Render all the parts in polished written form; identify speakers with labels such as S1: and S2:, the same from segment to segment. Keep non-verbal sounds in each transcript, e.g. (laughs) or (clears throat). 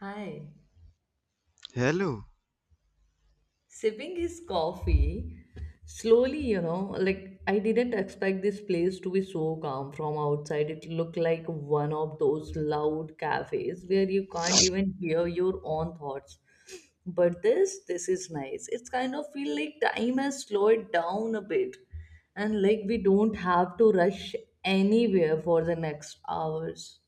S1: Hi.
S2: Hello.
S1: Sipping his coffee slowly, you know, like I didn't expect this place to be so calm from outside. It looked like one of those loud cafes where you can't even hear your own thoughts. But this is nice. It's kind of feel like time has slowed down a bit. And like we don't have to rush anywhere for the next hours.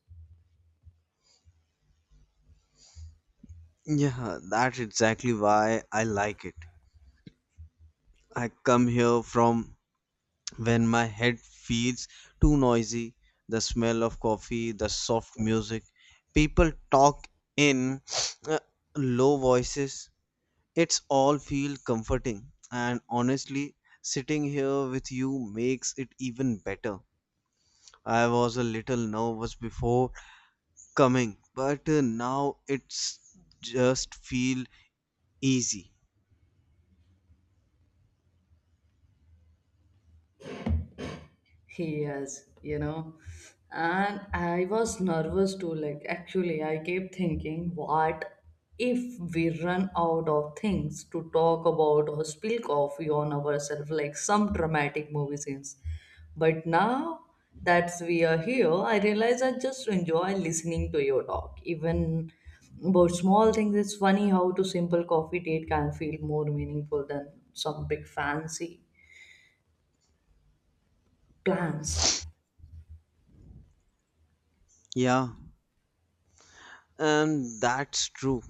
S2: Yeah, that's exactly why I like it. I come here from when my head feels too noisy, the smell of coffee, the soft music, people talk in (sniffs) uh, low voices. It's all feel comforting and honestly, sitting here with you makes it even better. I was a little nervous before coming, but now it's just feel easy.
S1: Yes, you know, and I was nervous too. Like, actually, I kept thinking, what if we run out of things to talk about or spill coffee on ourselves, like some dramatic movie scenes? But now that we are here, I realize I just enjoy listening to your talk, even about small things. It's funny how to simple coffee date can feel more meaningful than some big fancy plans.
S2: Yeah, and that's true.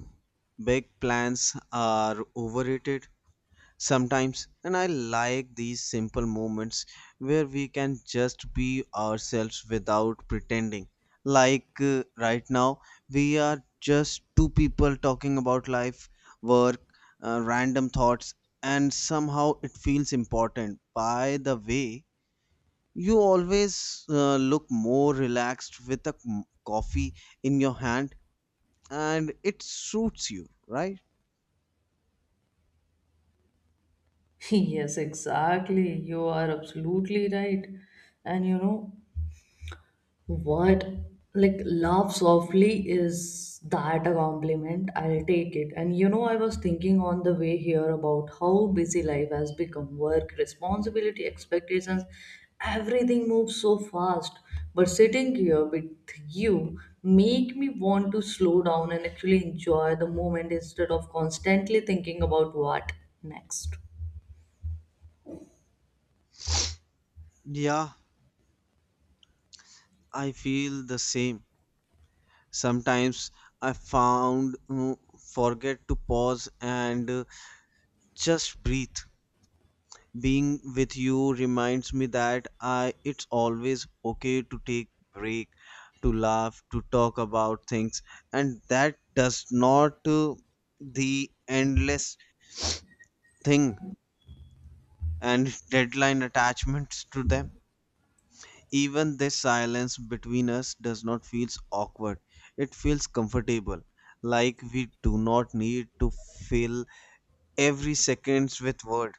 S2: Big plans are overrated sometimes, and I like these simple moments where we can just be ourselves without pretending. Like right now, we are just two people talking about life, work, random thoughts, and somehow it feels important. By the way, you always look more relaxed with a coffee in your hand and it suits you, right?
S1: (laughs) Yes, exactly. You are absolutely right. And you know what? Like, laugh softly is that a compliment? I'll take it. And you know, I was thinking on the way here about how busy life has become work, responsibility, expectations, everything moves so fast. But sitting here with you make me want to slow down and actually enjoy the moment instead of constantly thinking about what next.
S2: Yeah, I feel the same. Sometimes I found forget to pause and just breathe. Being with you reminds me that I it's always okay to take break, to laugh, to talk about things, and that does not the endless thing and (laughs) deadline attachments to them. Even this silence between us does not feel awkward. It feels comfortable, like we do not need to fill every seconds with word.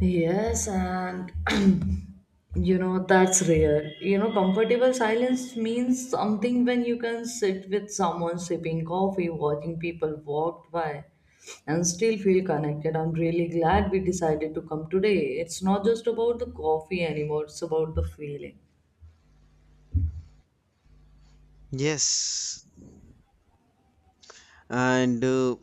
S1: Yes, and (clears throat) you know, that's rare. You know, comfortable silence means something when you can sit with someone sipping coffee, watching people walk by, and still feel connected. I'm really glad we decided to come today. It's not just about the coffee anymore, it's about the feeling.
S2: Yes, and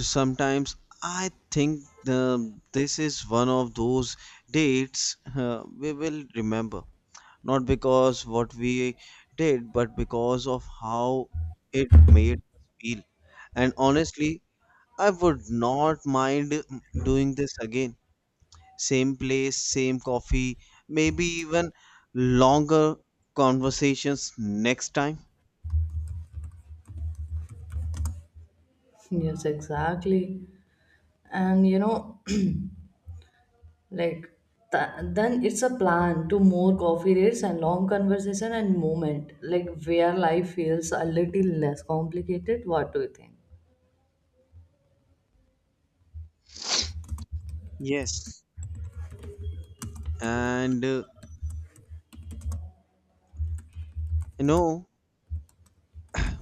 S2: sometimes I think this is one of those dates we will remember. Not because what we did, but because of how it made us feel. And honestly, I would not mind doing this again. Same place, same coffee, maybe even longer conversations next time.
S1: (laughs) Yes, exactly. And you know, (clears throat) Like then it's a plan to more coffee rates and long conversation and moment, like where life feels a little less complicated. What do you think?
S2: Yes. And you know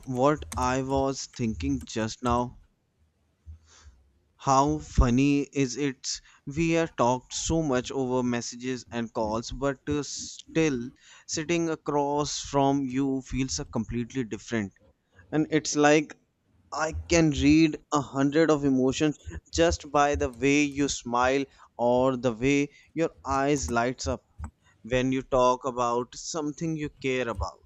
S2: what I was thinking just now? How funny is it? We have talked so much over messages and calls, but still sitting across from you feels completely different. And it's like I can read 100 of emotions just by the way you smile or the way your eyes lights up when you talk about something you care about.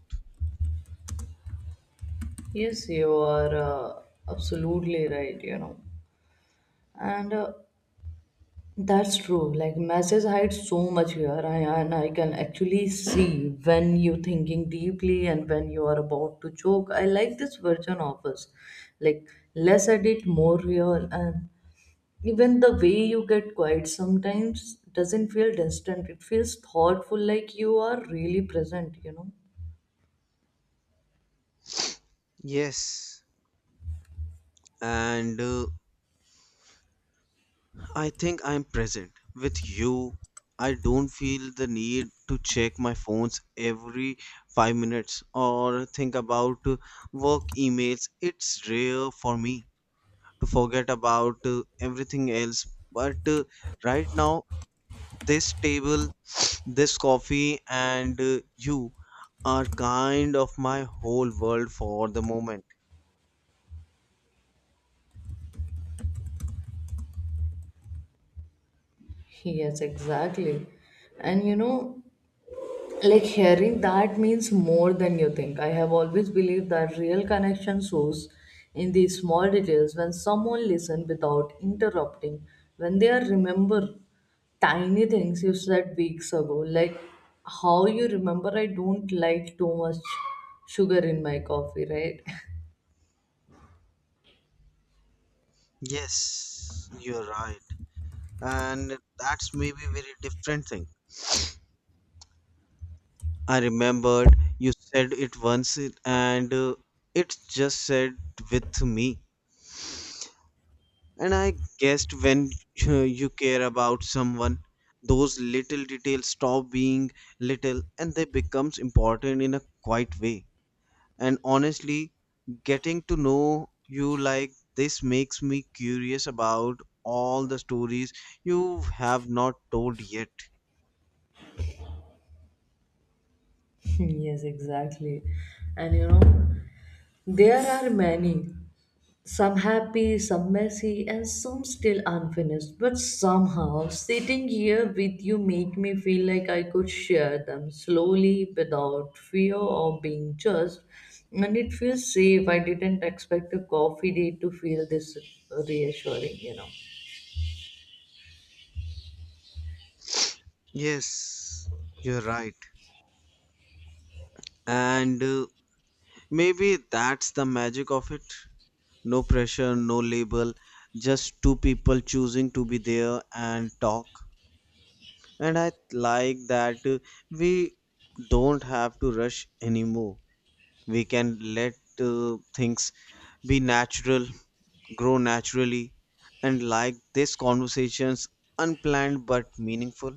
S1: Yes, you are absolutely right, you know. And That's true. Like message hides so much here, I, and I can actually see when you're thinking deeply and when you are about to choke. I like this version of us, like less edit, more real, and even the way you get quiet sometimes doesn't feel distant it feels thoughtful like you are really present you know
S2: Yes. And I think I'm present with you. I don't feel the need to check my phones every 5 minutes or think about work emails. It's rare for me to forget about everything else. But right now this table, this coffee, and you are kind of my whole world for the moment.
S1: yes exactly and you know like hearing that means more than you think I have always believed that real connection shows in these small details when someone listens without interrupting when they are remember tiny things you said weeks ago like how you remember I don't like too much sugar in my coffee right. (laughs)
S2: Yes, you're right. And that's maybe very different thing. I remembered you said it once and it just said with me. And I guessed when (laughs) you care about someone, those little details stop being little and they becomes important in a quiet way. And honestly, getting to know you like this makes me curious about all the stories you have not told yet.
S1: Yes, exactly. And you know, there are many, some happy, some messy, and some still unfinished. But somehow, sitting here with you make me feel like I could share them slowly without fear of being judged. And it feels safe. I didn't expect a coffee date to feel this reassuring, you know.
S2: Yes, you're right. And maybe that's the magic of it. No pressure, no label, just two people choosing to be there and talk. And I like that we don't have to rush anymore. We can let things be natural grow naturally, and like this conversation's unplanned but meaningful.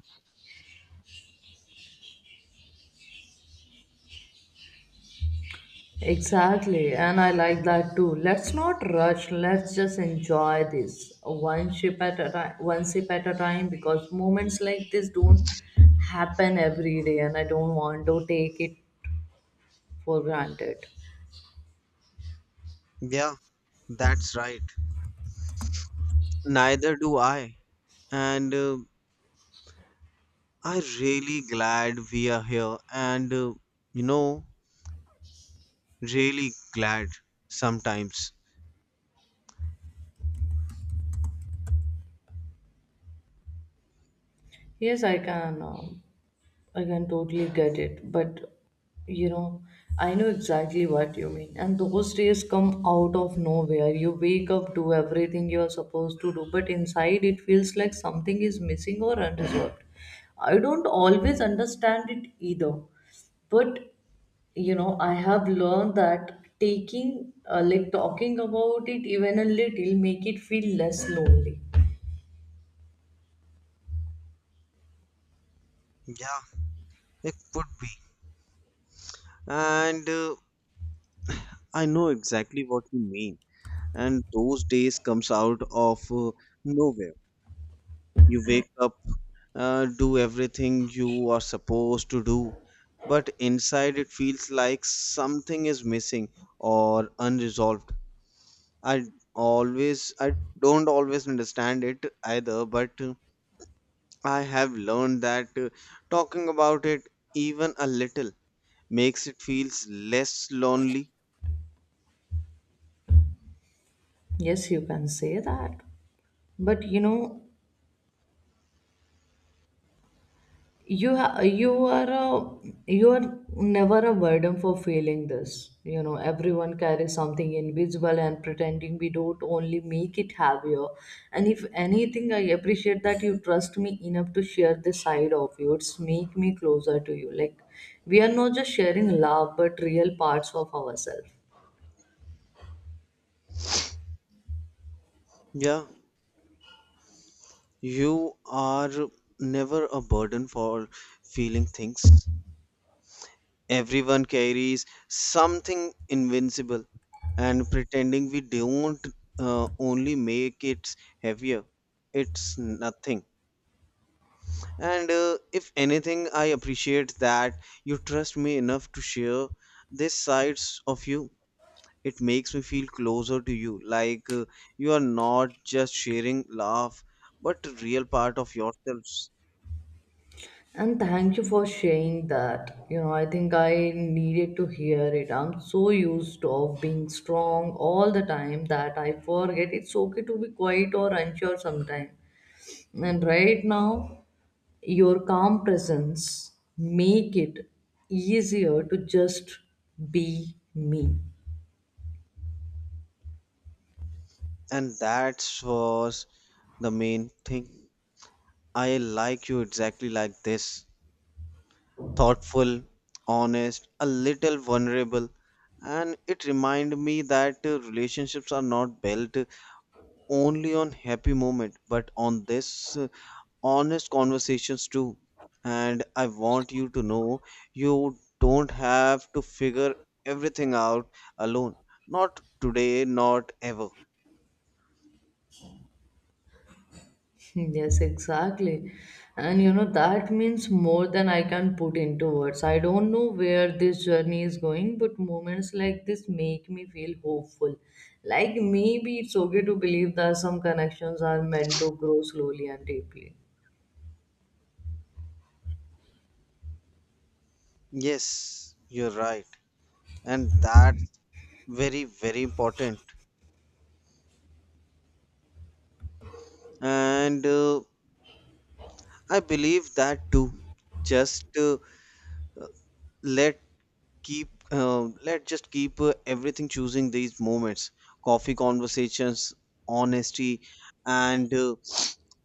S1: Exactly, and I like that too. Let's not rush. Let's just enjoy this one sip at a time, one sip at a time, because moments like this don't happen every day, and I don't want to take it for granted.
S2: Yeah, that's right. Neither do I. And I'm really glad we are here, and you know, really glad sometimes.
S1: Yes, I can. I can totally get it, but you know, I know exactly what you mean. And those days come out of nowhere. You wake up, do everything you're supposed to do, but inside it feels like something is missing or unresolved. I don't always understand it either, but you know, I have learned that like talking about it even a little, make it feel less lonely.
S2: Yeah, it could be. And I know exactly what you mean. And those days comes out of nowhere. You wake up, do everything you are supposed to do, but inside it feels like something is missing or unresolved. I I don't always understand it either, but I have learned that talking about it even a little makes it feels less lonely.
S1: Yes, you can say that. But you know, you ha- you are a you are never a burden for feeling this you know everyone carries something invisible and pretending we don't only make it heavier and if anything I appreciate that you trust me enough to share this side of you it's make me closer to you like we are not just sharing love but real parts of ourselves.
S2: Yeah, you are never a burden for feeling things. Everyone carries something invincible, and pretending we don't only make it heavier. It's nothing. And if anything, I appreciate that you trust me enough to share these sides of you. It makes me feel closer to you, like you are not just sharing laugh, but a real part of yourselves.
S1: And thank you for sharing that. You know, I think I needed to hear it. I'm so used to of being strong all the time that I forget it's okay to be quiet or unsure sometimes. And right now, your calm presence make it easier to just be me.
S2: And that was the main thing. I like you exactly like this. Thoughtful, honest, a little vulnerable. And it reminded me that relationships are not built only on happy moment, but on this honest conversations too. And I want you to know you don't have to figure everything out alone. Not today, not ever.
S1: Yes, exactly. And you know, that means more than I can put into words. I don't know where this journey is going, but moments like this make me feel hopeful. Like maybe it's okay to believe that some connections are meant to grow slowly and deeply.
S2: Yes, you're right. And that's very, very important. And I believe that too. Just let keep Let just keep everything choosing these moments, coffee conversations, honesty, and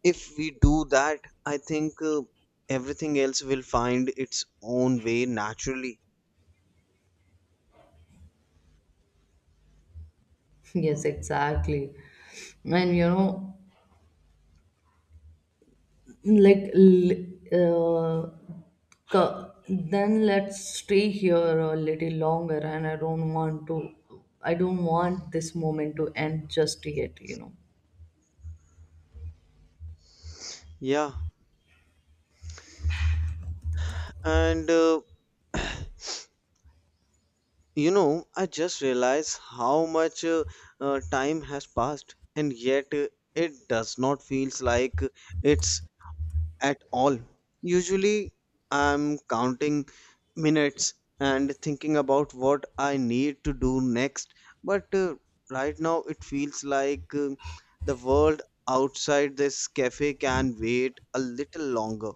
S2: if we do that, I think everything else will find its own way naturally.
S1: (laughs) Yes, exactly. And you know, like l- uh, then let's stay here a little longer and I don't want this moment to end just yet you know
S2: Yeah, and you know, I just realized how much time has passed, and yet it does not feels like it's at all. Usually, I'm counting minutes and thinking about what I need to do next. But right now, it feels like the world outside this cafe can wait a little longer.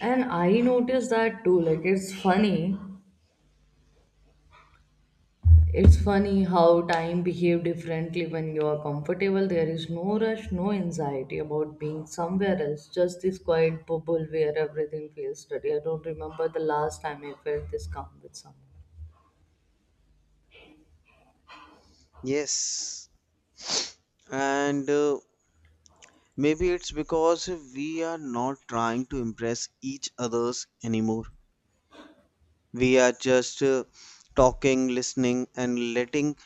S1: and I noticed that too like it's funny how time behave differently when you are comfortable there is no rush no anxiety about being somewhere else just this quiet bubble where everything feels steady I don't remember the last time I felt this calm with someone.
S2: Yes, and maybe it's because we are not trying to impress each others anymore. We are just talking, listening, and letting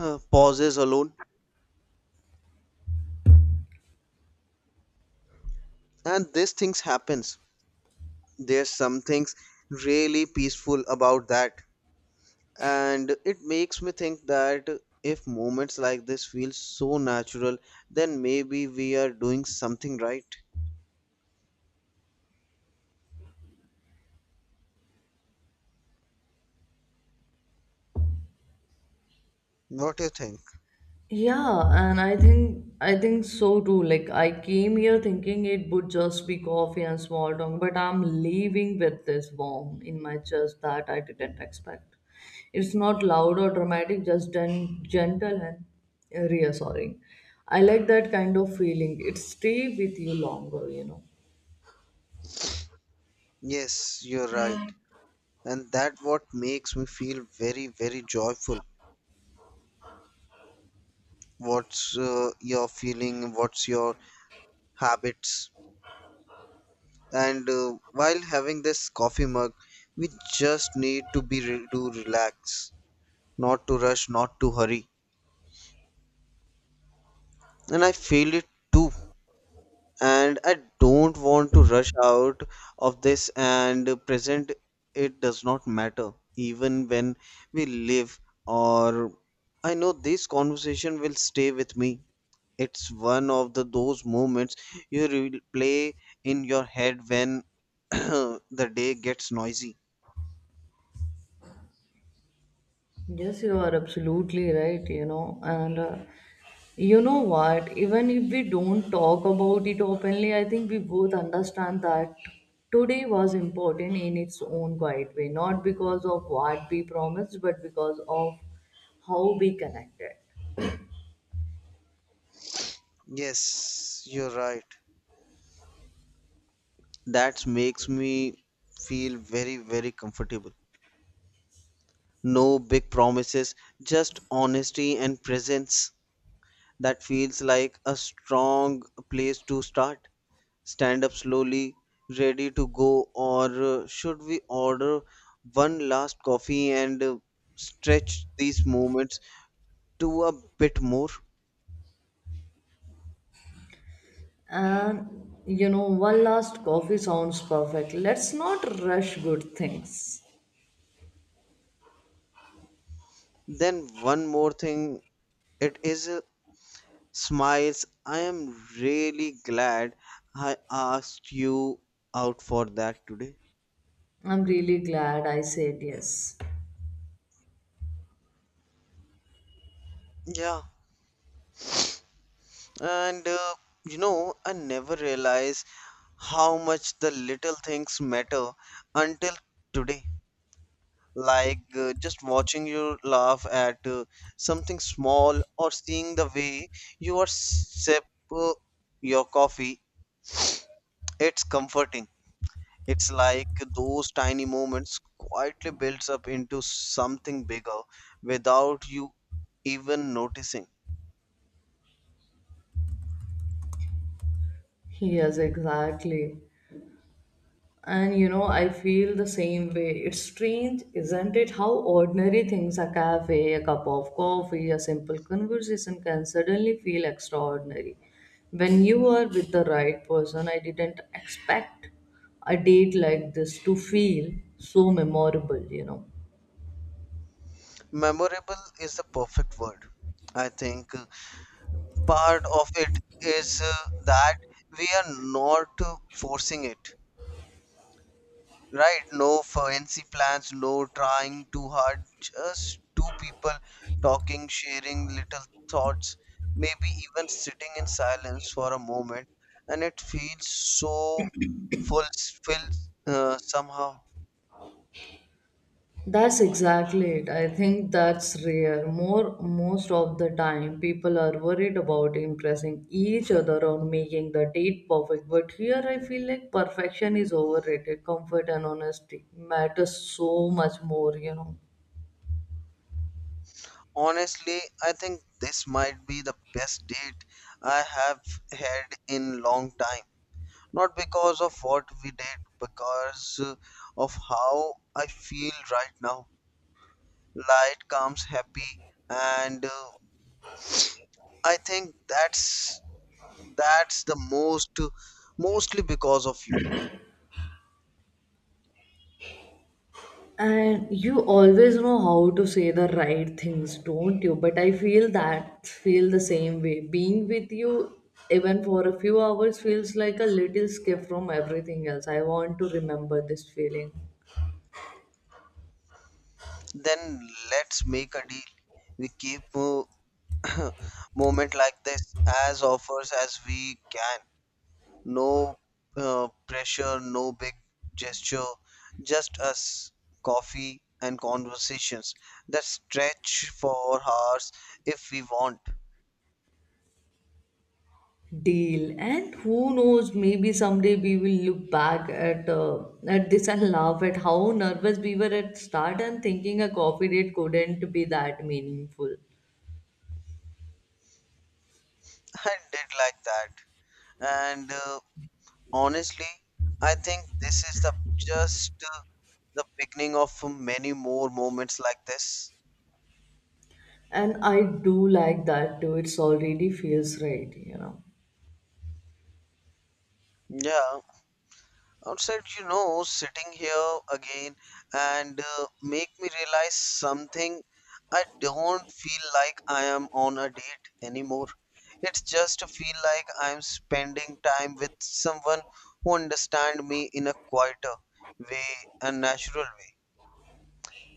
S2: pauses alone. And these things happens, there's some things really peaceful about that, and it makes me think that if moments like this feel so natural, then maybe we are doing something right. What do you think?
S1: Yeah, and I think so too. Like I came here thinking it would just be coffee and small talk, but I'm leaving with this warmth in my chest that I didn't expect. It's not loud or dramatic, just gentle and reassuring. I like that kind of feeling. It stay with you longer, you know.
S2: Yes, you're right. And that what makes me feel very, very joyful. What's your feeling, what's your habits? And while having this coffee mug, we just need to to relax, not to rush, not to hurry. And I feel it too. And I don't want to rush out of this and present, it does not matter, even when we live or I know this conversation will stay with me. It's one of the those moments you replay in your head when (clears throat) the day gets noisy.
S1: Yes, you are absolutely right, you know, and you know what, even if we don't talk about it openly, I think we both understand that today was important in its own quiet way, not because of what we promised, but because of how we connected.
S2: Yes, you're right. That makes me feel very, very comfortable. No big promises, just honesty and presence. That feels like a strong place to start. Stand up slowly, ready to go, or should we order one last coffee and stretch these moments to a bit more?
S1: And you know, one last coffee sounds perfect. Let's not rush good things.
S2: Then, one more thing it is smiles. I am really glad I asked you out for that today.
S1: I'm really glad I said yes.
S2: Yeah. And you know, I never realized how much the little things matter until today. Like just watching you laugh at something small or seeing the way you are sip uh, your coffee, it's comforting. It's like those tiny moments quietly builds up into something bigger without you even noticing.
S1: Yes, exactly. And you know, I feel the same way. It's strange, isn't it? How ordinary things a cafe, a cup of coffee, a simple conversation can suddenly feel extraordinary. When you are with the right person, I didn't expect a date like this to feel so memorable, you know.
S2: Memorable is the perfect word. I think part of it is that we are not forcing it, right? No fancy plans, no trying too hard, just two people talking, sharing little thoughts, maybe even sitting in silence for a moment, and it feels so fulfilled somehow.
S1: That's exactly it. I think that's rare. More Most of the time people are worried about impressing each other or making the date perfect. But here I feel like perfection is overrated. Comfort and honesty matters so much more, you know.
S2: Honestly, I think this might be the best date I have had in long time, not because of what we did, because of how I feel right now. Light comes happy, and I think that's the mostly because of you.
S1: And you always know how to say the right things, don't you? But I feel the same way. Being with you even for a few hours feels like a little escape from everything else. I want to remember this feeling.
S2: Then let's make a deal. We keep (coughs) (clears throat) moment like this as offers as we can. No pressure, no big gesture, just us, coffee, and conversations that stretch for hours if we want. (laughs)
S1: Deal, and who knows maybe someday we will look back at at this and laugh at how nervous we were at start and thinking a coffee date couldn't be that meaningful.
S2: I did like that. And honestly, I think this is just uh, the beginning of many more moments like this.
S1: And I do like that too, it's already feels right you know.
S2: Yeah, outside, you know, sitting here again and make me realize something. I don't feel like I am on a date anymore. It's just feel like I'm spending time with someone who understand me in a quieter way and natural way.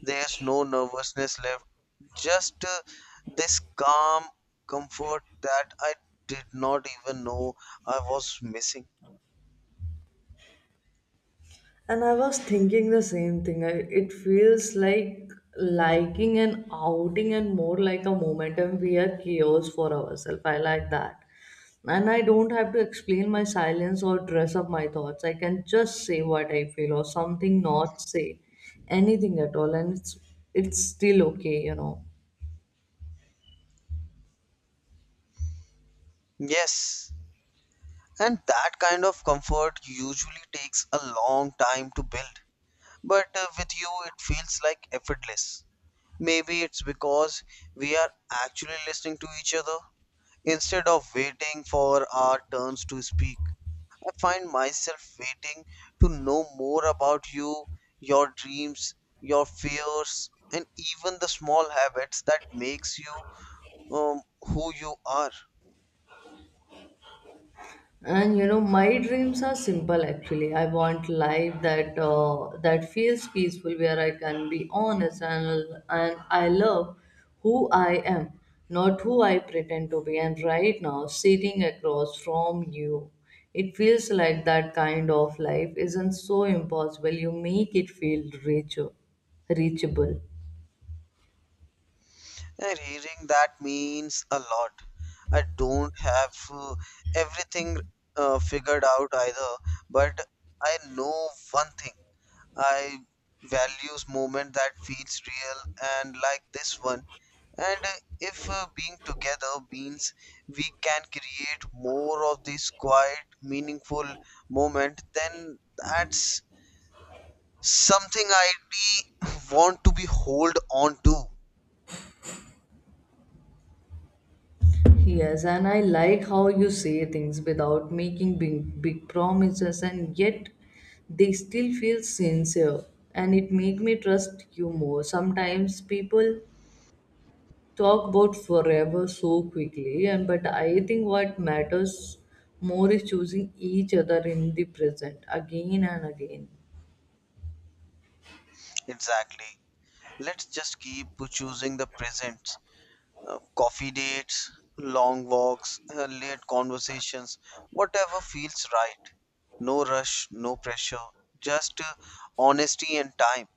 S2: There's no nervousness left, just this calm comfort that I did not even know I was missing.
S1: And I was thinking the same thing. It feels like liking an outing and more like a momentum we are chaos for ourselves. I like that. And I don't have to explain my silence or dress up my thoughts. I can just say what I feel or something, not say anything at all, and it's still okay, you know.
S2: Yes, and that kind of comfort usually takes a long time to build. But with you, it feels like effortless. Maybe it's because we are actually listening to each other instead of waiting for our turns to speak. I find myself waiting to know more about you, your dreams, your fears, and even the small habits that makes you who you are.
S1: And you know, my dreams are simple actually. I want life that that feels peaceful, where I can be honest and I love who I am, not who I pretend to be. And right now, sitting across from you, it feels like that kind of life isn't so impossible. You make it feel reachable.
S2: Yeah, reading that means a lot. I don't have everything figured out either, but I know one thing. I values moment that feels real and like this one. And if being together means we can create more of this quiet, meaningful moment, then that's something I really (laughs) want to be hold on to.
S1: Yes, and I like how you say things without making big promises, and yet they still feel sincere, and it make me trust you more. Sometimes people talk about forever so quickly, and but I think what matters more is choosing each other in the present again and again.
S2: Exactly. Let's just keep choosing the presents. Coffee dates, long walks, late conversations, whatever feels right. No rush, no pressure, just honesty and time.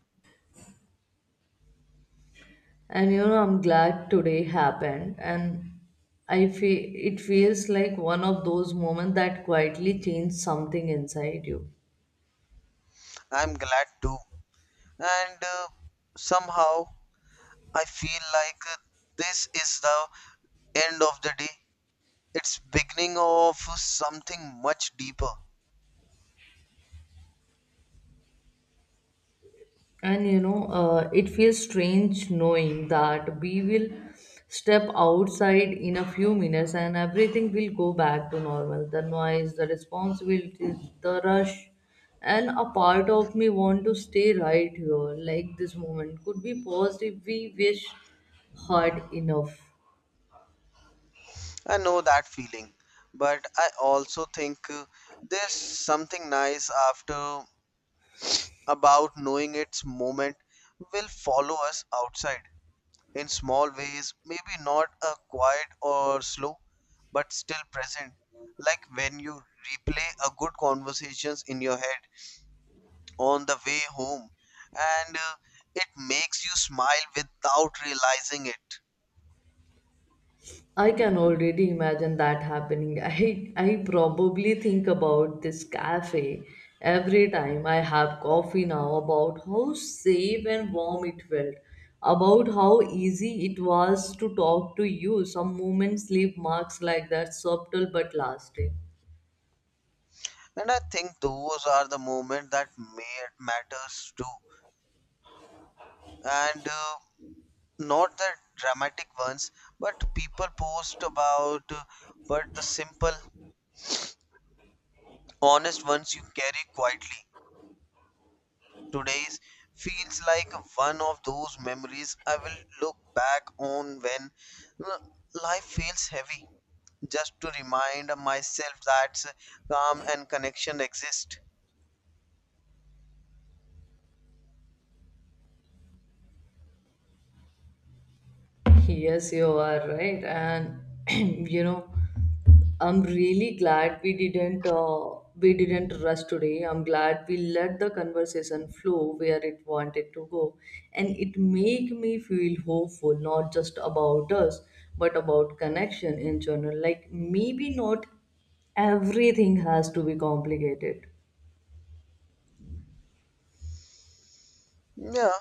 S1: And you know, I'm glad today happened, and I feel it feels like one of those moments that quietly changed something inside you.
S2: I'm glad too. And somehow I feel like this is the end of the day. It's beginning of something much deeper.
S1: And you know, it feels strange knowing that we will step outside in a few minutes and everything will go back to normal. The noise, the responsibilities, the rush, and a part of me want to stay right here, like this moment could be paused if we wish hard enough.
S2: I know that feeling, but I also think there's something nice after about knowing its moment will follow us outside in small ways, maybe not a quiet or slow, but still present. Like when you replay a good conversations in your head on the way home, and it makes you smile without realizing it.
S1: I can already imagine that happening. (laughs) I probably think about this cafe every time I have coffee now about how safe and warm it felt, about how easy it was to talk to you. Some moments leave marks like that, subtle but lasting.
S2: And I think those are the moments that may matters too and not the dramatic ones but people post about but the simple honest ones you carry quietly. Today's feels like one of those memories I will look back on when uh, life feels heavy just to remind myself that calm and connection exist.
S1: Yes, you are right. And (clears throat) you know, I'm really glad we didn't rush today. I'm glad we let the conversation flow where it wanted to go, and it make me feel hopeful, not just about us, but about connection in general. Like maybe not everything has to be complicated.
S2: Yeah,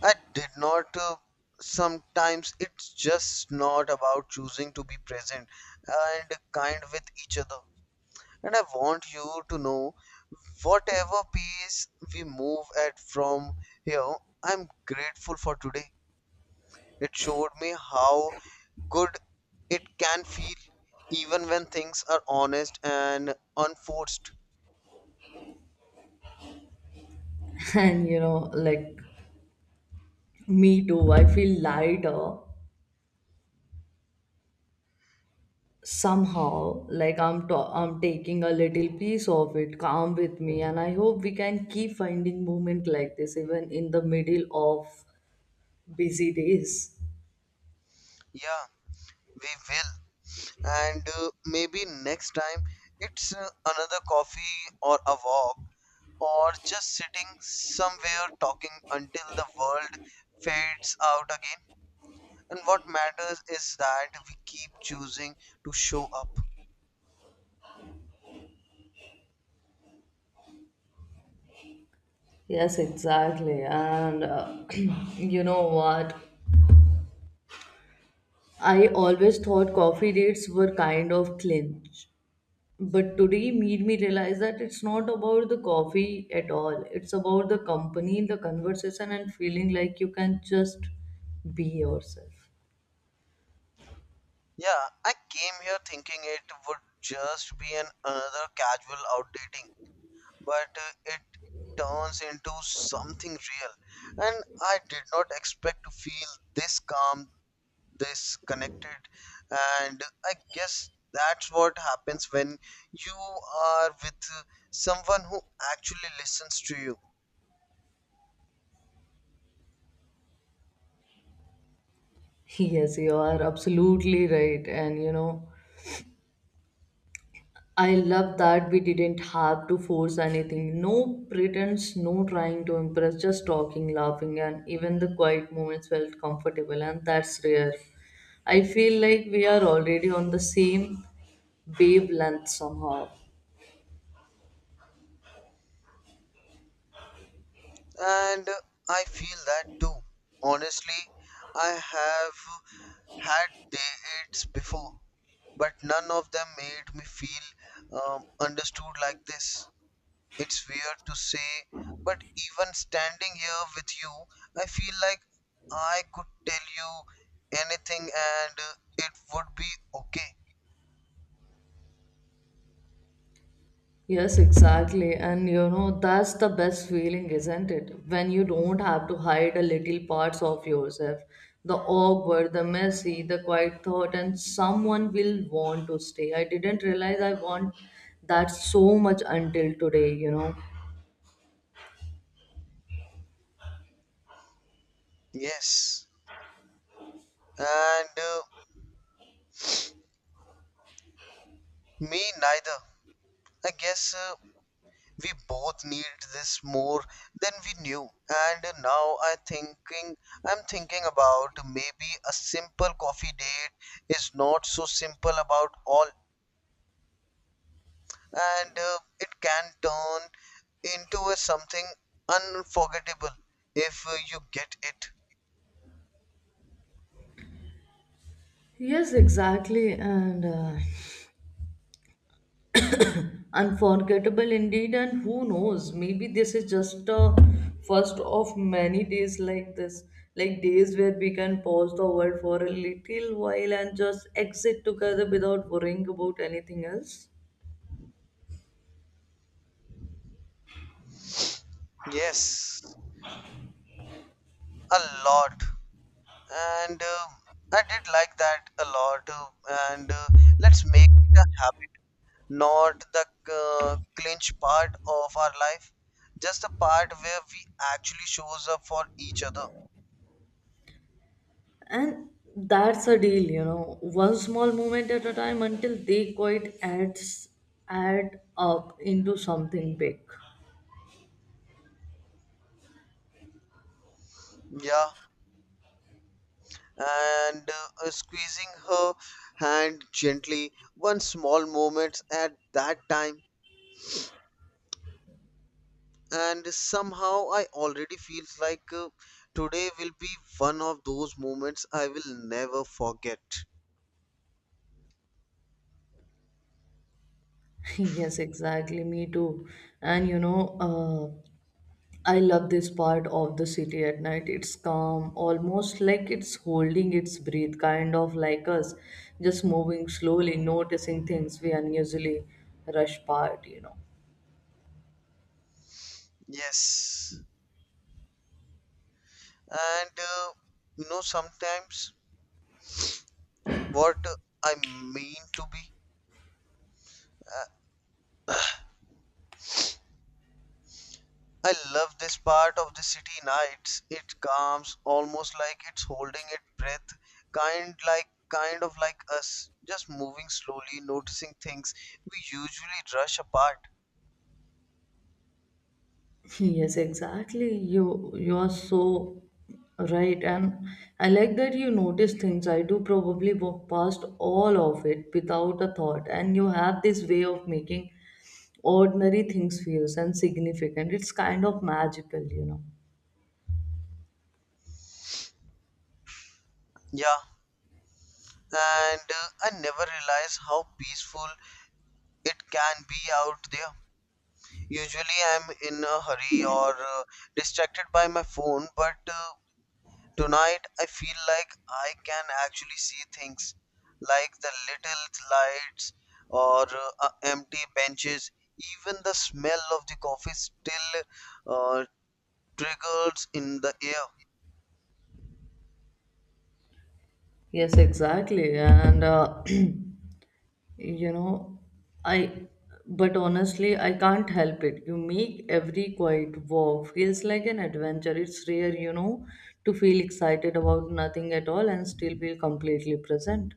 S2: I did not. Sometimes it's just not about choosing to be present and kind with each other. And I want you to know whatever pace we move at from here, I'm grateful for today. It showed me how good it can feel even when things are honest and unforced.
S1: (laughs) And you know like me too I feel lighter somehow like I'm taking a little piece of it calm with me and I hope we can keep finding moment like this even in the middle of busy days
S2: Yeah, we will. And maybe next time it's another coffee or a walk or just sitting somewhere talking until the world fades out again. And what matters is that we keep choosing to show up.
S1: yes exactly and (clears throat) you know what I always thought coffee dates were kind of clinch but today made me realize that it's not about the coffee at all it's about the company the conversation and feeling like you can just be yourself.
S2: Yeah, I came here thinking it would just be an another casual out dating, but it turns into something real. And I did not expect to feel this calm, this connected, and I guess that's what happens when you are with someone who actually listens to you.
S1: Yes, you are absolutely right. And you know, I love that we didn't have to force anything. No pretense, no trying to impress, just talking, laughing, and even the quiet moments felt comfortable, and that's rare. I feel like we are already on the same wavelength somehow.
S2: And I feel that too, honestly. I have had dates before but none of them made me feel understood like this. It's weird to say, but even standing here with you, I feel like I could tell you anything and it would be okay.
S1: Yes, exactly. And you know, that's the best feeling, isn't it? When you don't have to hide a little parts of yourself the awkward, the messy, the quiet thought, and someone will want to stay. I didn't realize I want that so much until today, you know.
S2: Yes. And me neither. I guess we both need this more than we knew. And now I thinking, I'm thinking about maybe a simple coffee date is not so simple about all, and it can turn into a something unforgettable if you get it.
S1: Yes, exactly. And Unforgettable indeed, and who knows, maybe this is just a first of many days like this, like days where we can pause the world for a little while and just exit together without worrying about anything else.
S2: Yes, a lot. And I did like that a lot. And Let's make it a habit, not the clinch part of our life, just the part where we actually shows up for each other.
S1: And that's a deal, you know, one small moment at a time until they quite adds add up into something big.
S2: Yeah, and squeezing her hand gently one small moment at that time, and somehow I already feels like today will be one of those moments I will never forget.
S1: (laughs) Yes, exactly. Me too. And you know, I love this part of the city at night. It's calm, almost like it's holding its breath, kind of like us, just moving slowly, noticing things we unusually rush past, you know.
S2: Yes, and you know sometimes what I mean to be. Uh, I love this part of the city nights. It calms, almost like it's holding its breath, kind like kind of like us, just moving slowly, noticing things we usually rush apart.
S1: (laughs) Yes, exactly. You are so right, and I like that you notice things. I do probably walk past all of it without a thought, and you have this way of making ordinary things feels and significant. It's kind of magical, you know.
S2: Yeah, and I never realize how peaceful it can be out there. Usually, I'm in a hurry or distracted by my phone, but tonight I feel like I can actually see things like the little lights or empty benches. Even the smell of the coffee still uh, triggers in the air.
S1: Yes, exactly. And, (clears throat) you know, I, but honestly, I can't help it. You make every quiet walk feels like an adventure. It's rare, you know, to feel excited about nothing at all and still feel completely present.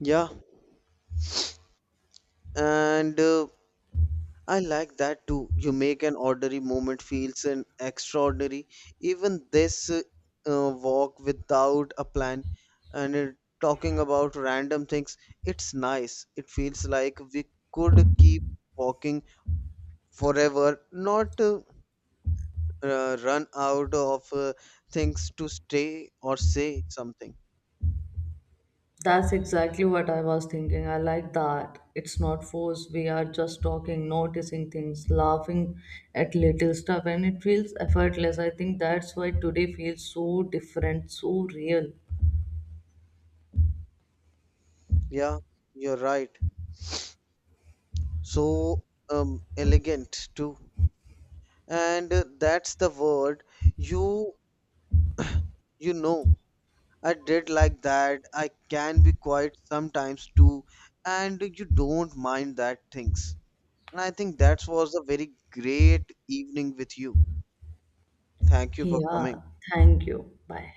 S2: Yeah, and I like that too. You make an ordinary moment feels an extraordinary. Even this walk without a plan and talking about random things, it's nice. It feels like we could keep walking forever, not run out of things to stay or say something.
S1: That's exactly what I was thinking. I like that. It's not forced. We are just talking, noticing things, laughing at little stuff, and it feels effortless. I think that's why today feels so different, so real.
S2: Yeah, you're right. So elegant too. And that's the word. You you know, I did like that. I can be quiet sometimes too, and you don't mind that things. And I think that was a very great evening with you. Thank you for
S1: Yeah,
S2: coming.
S1: thank you. Bye.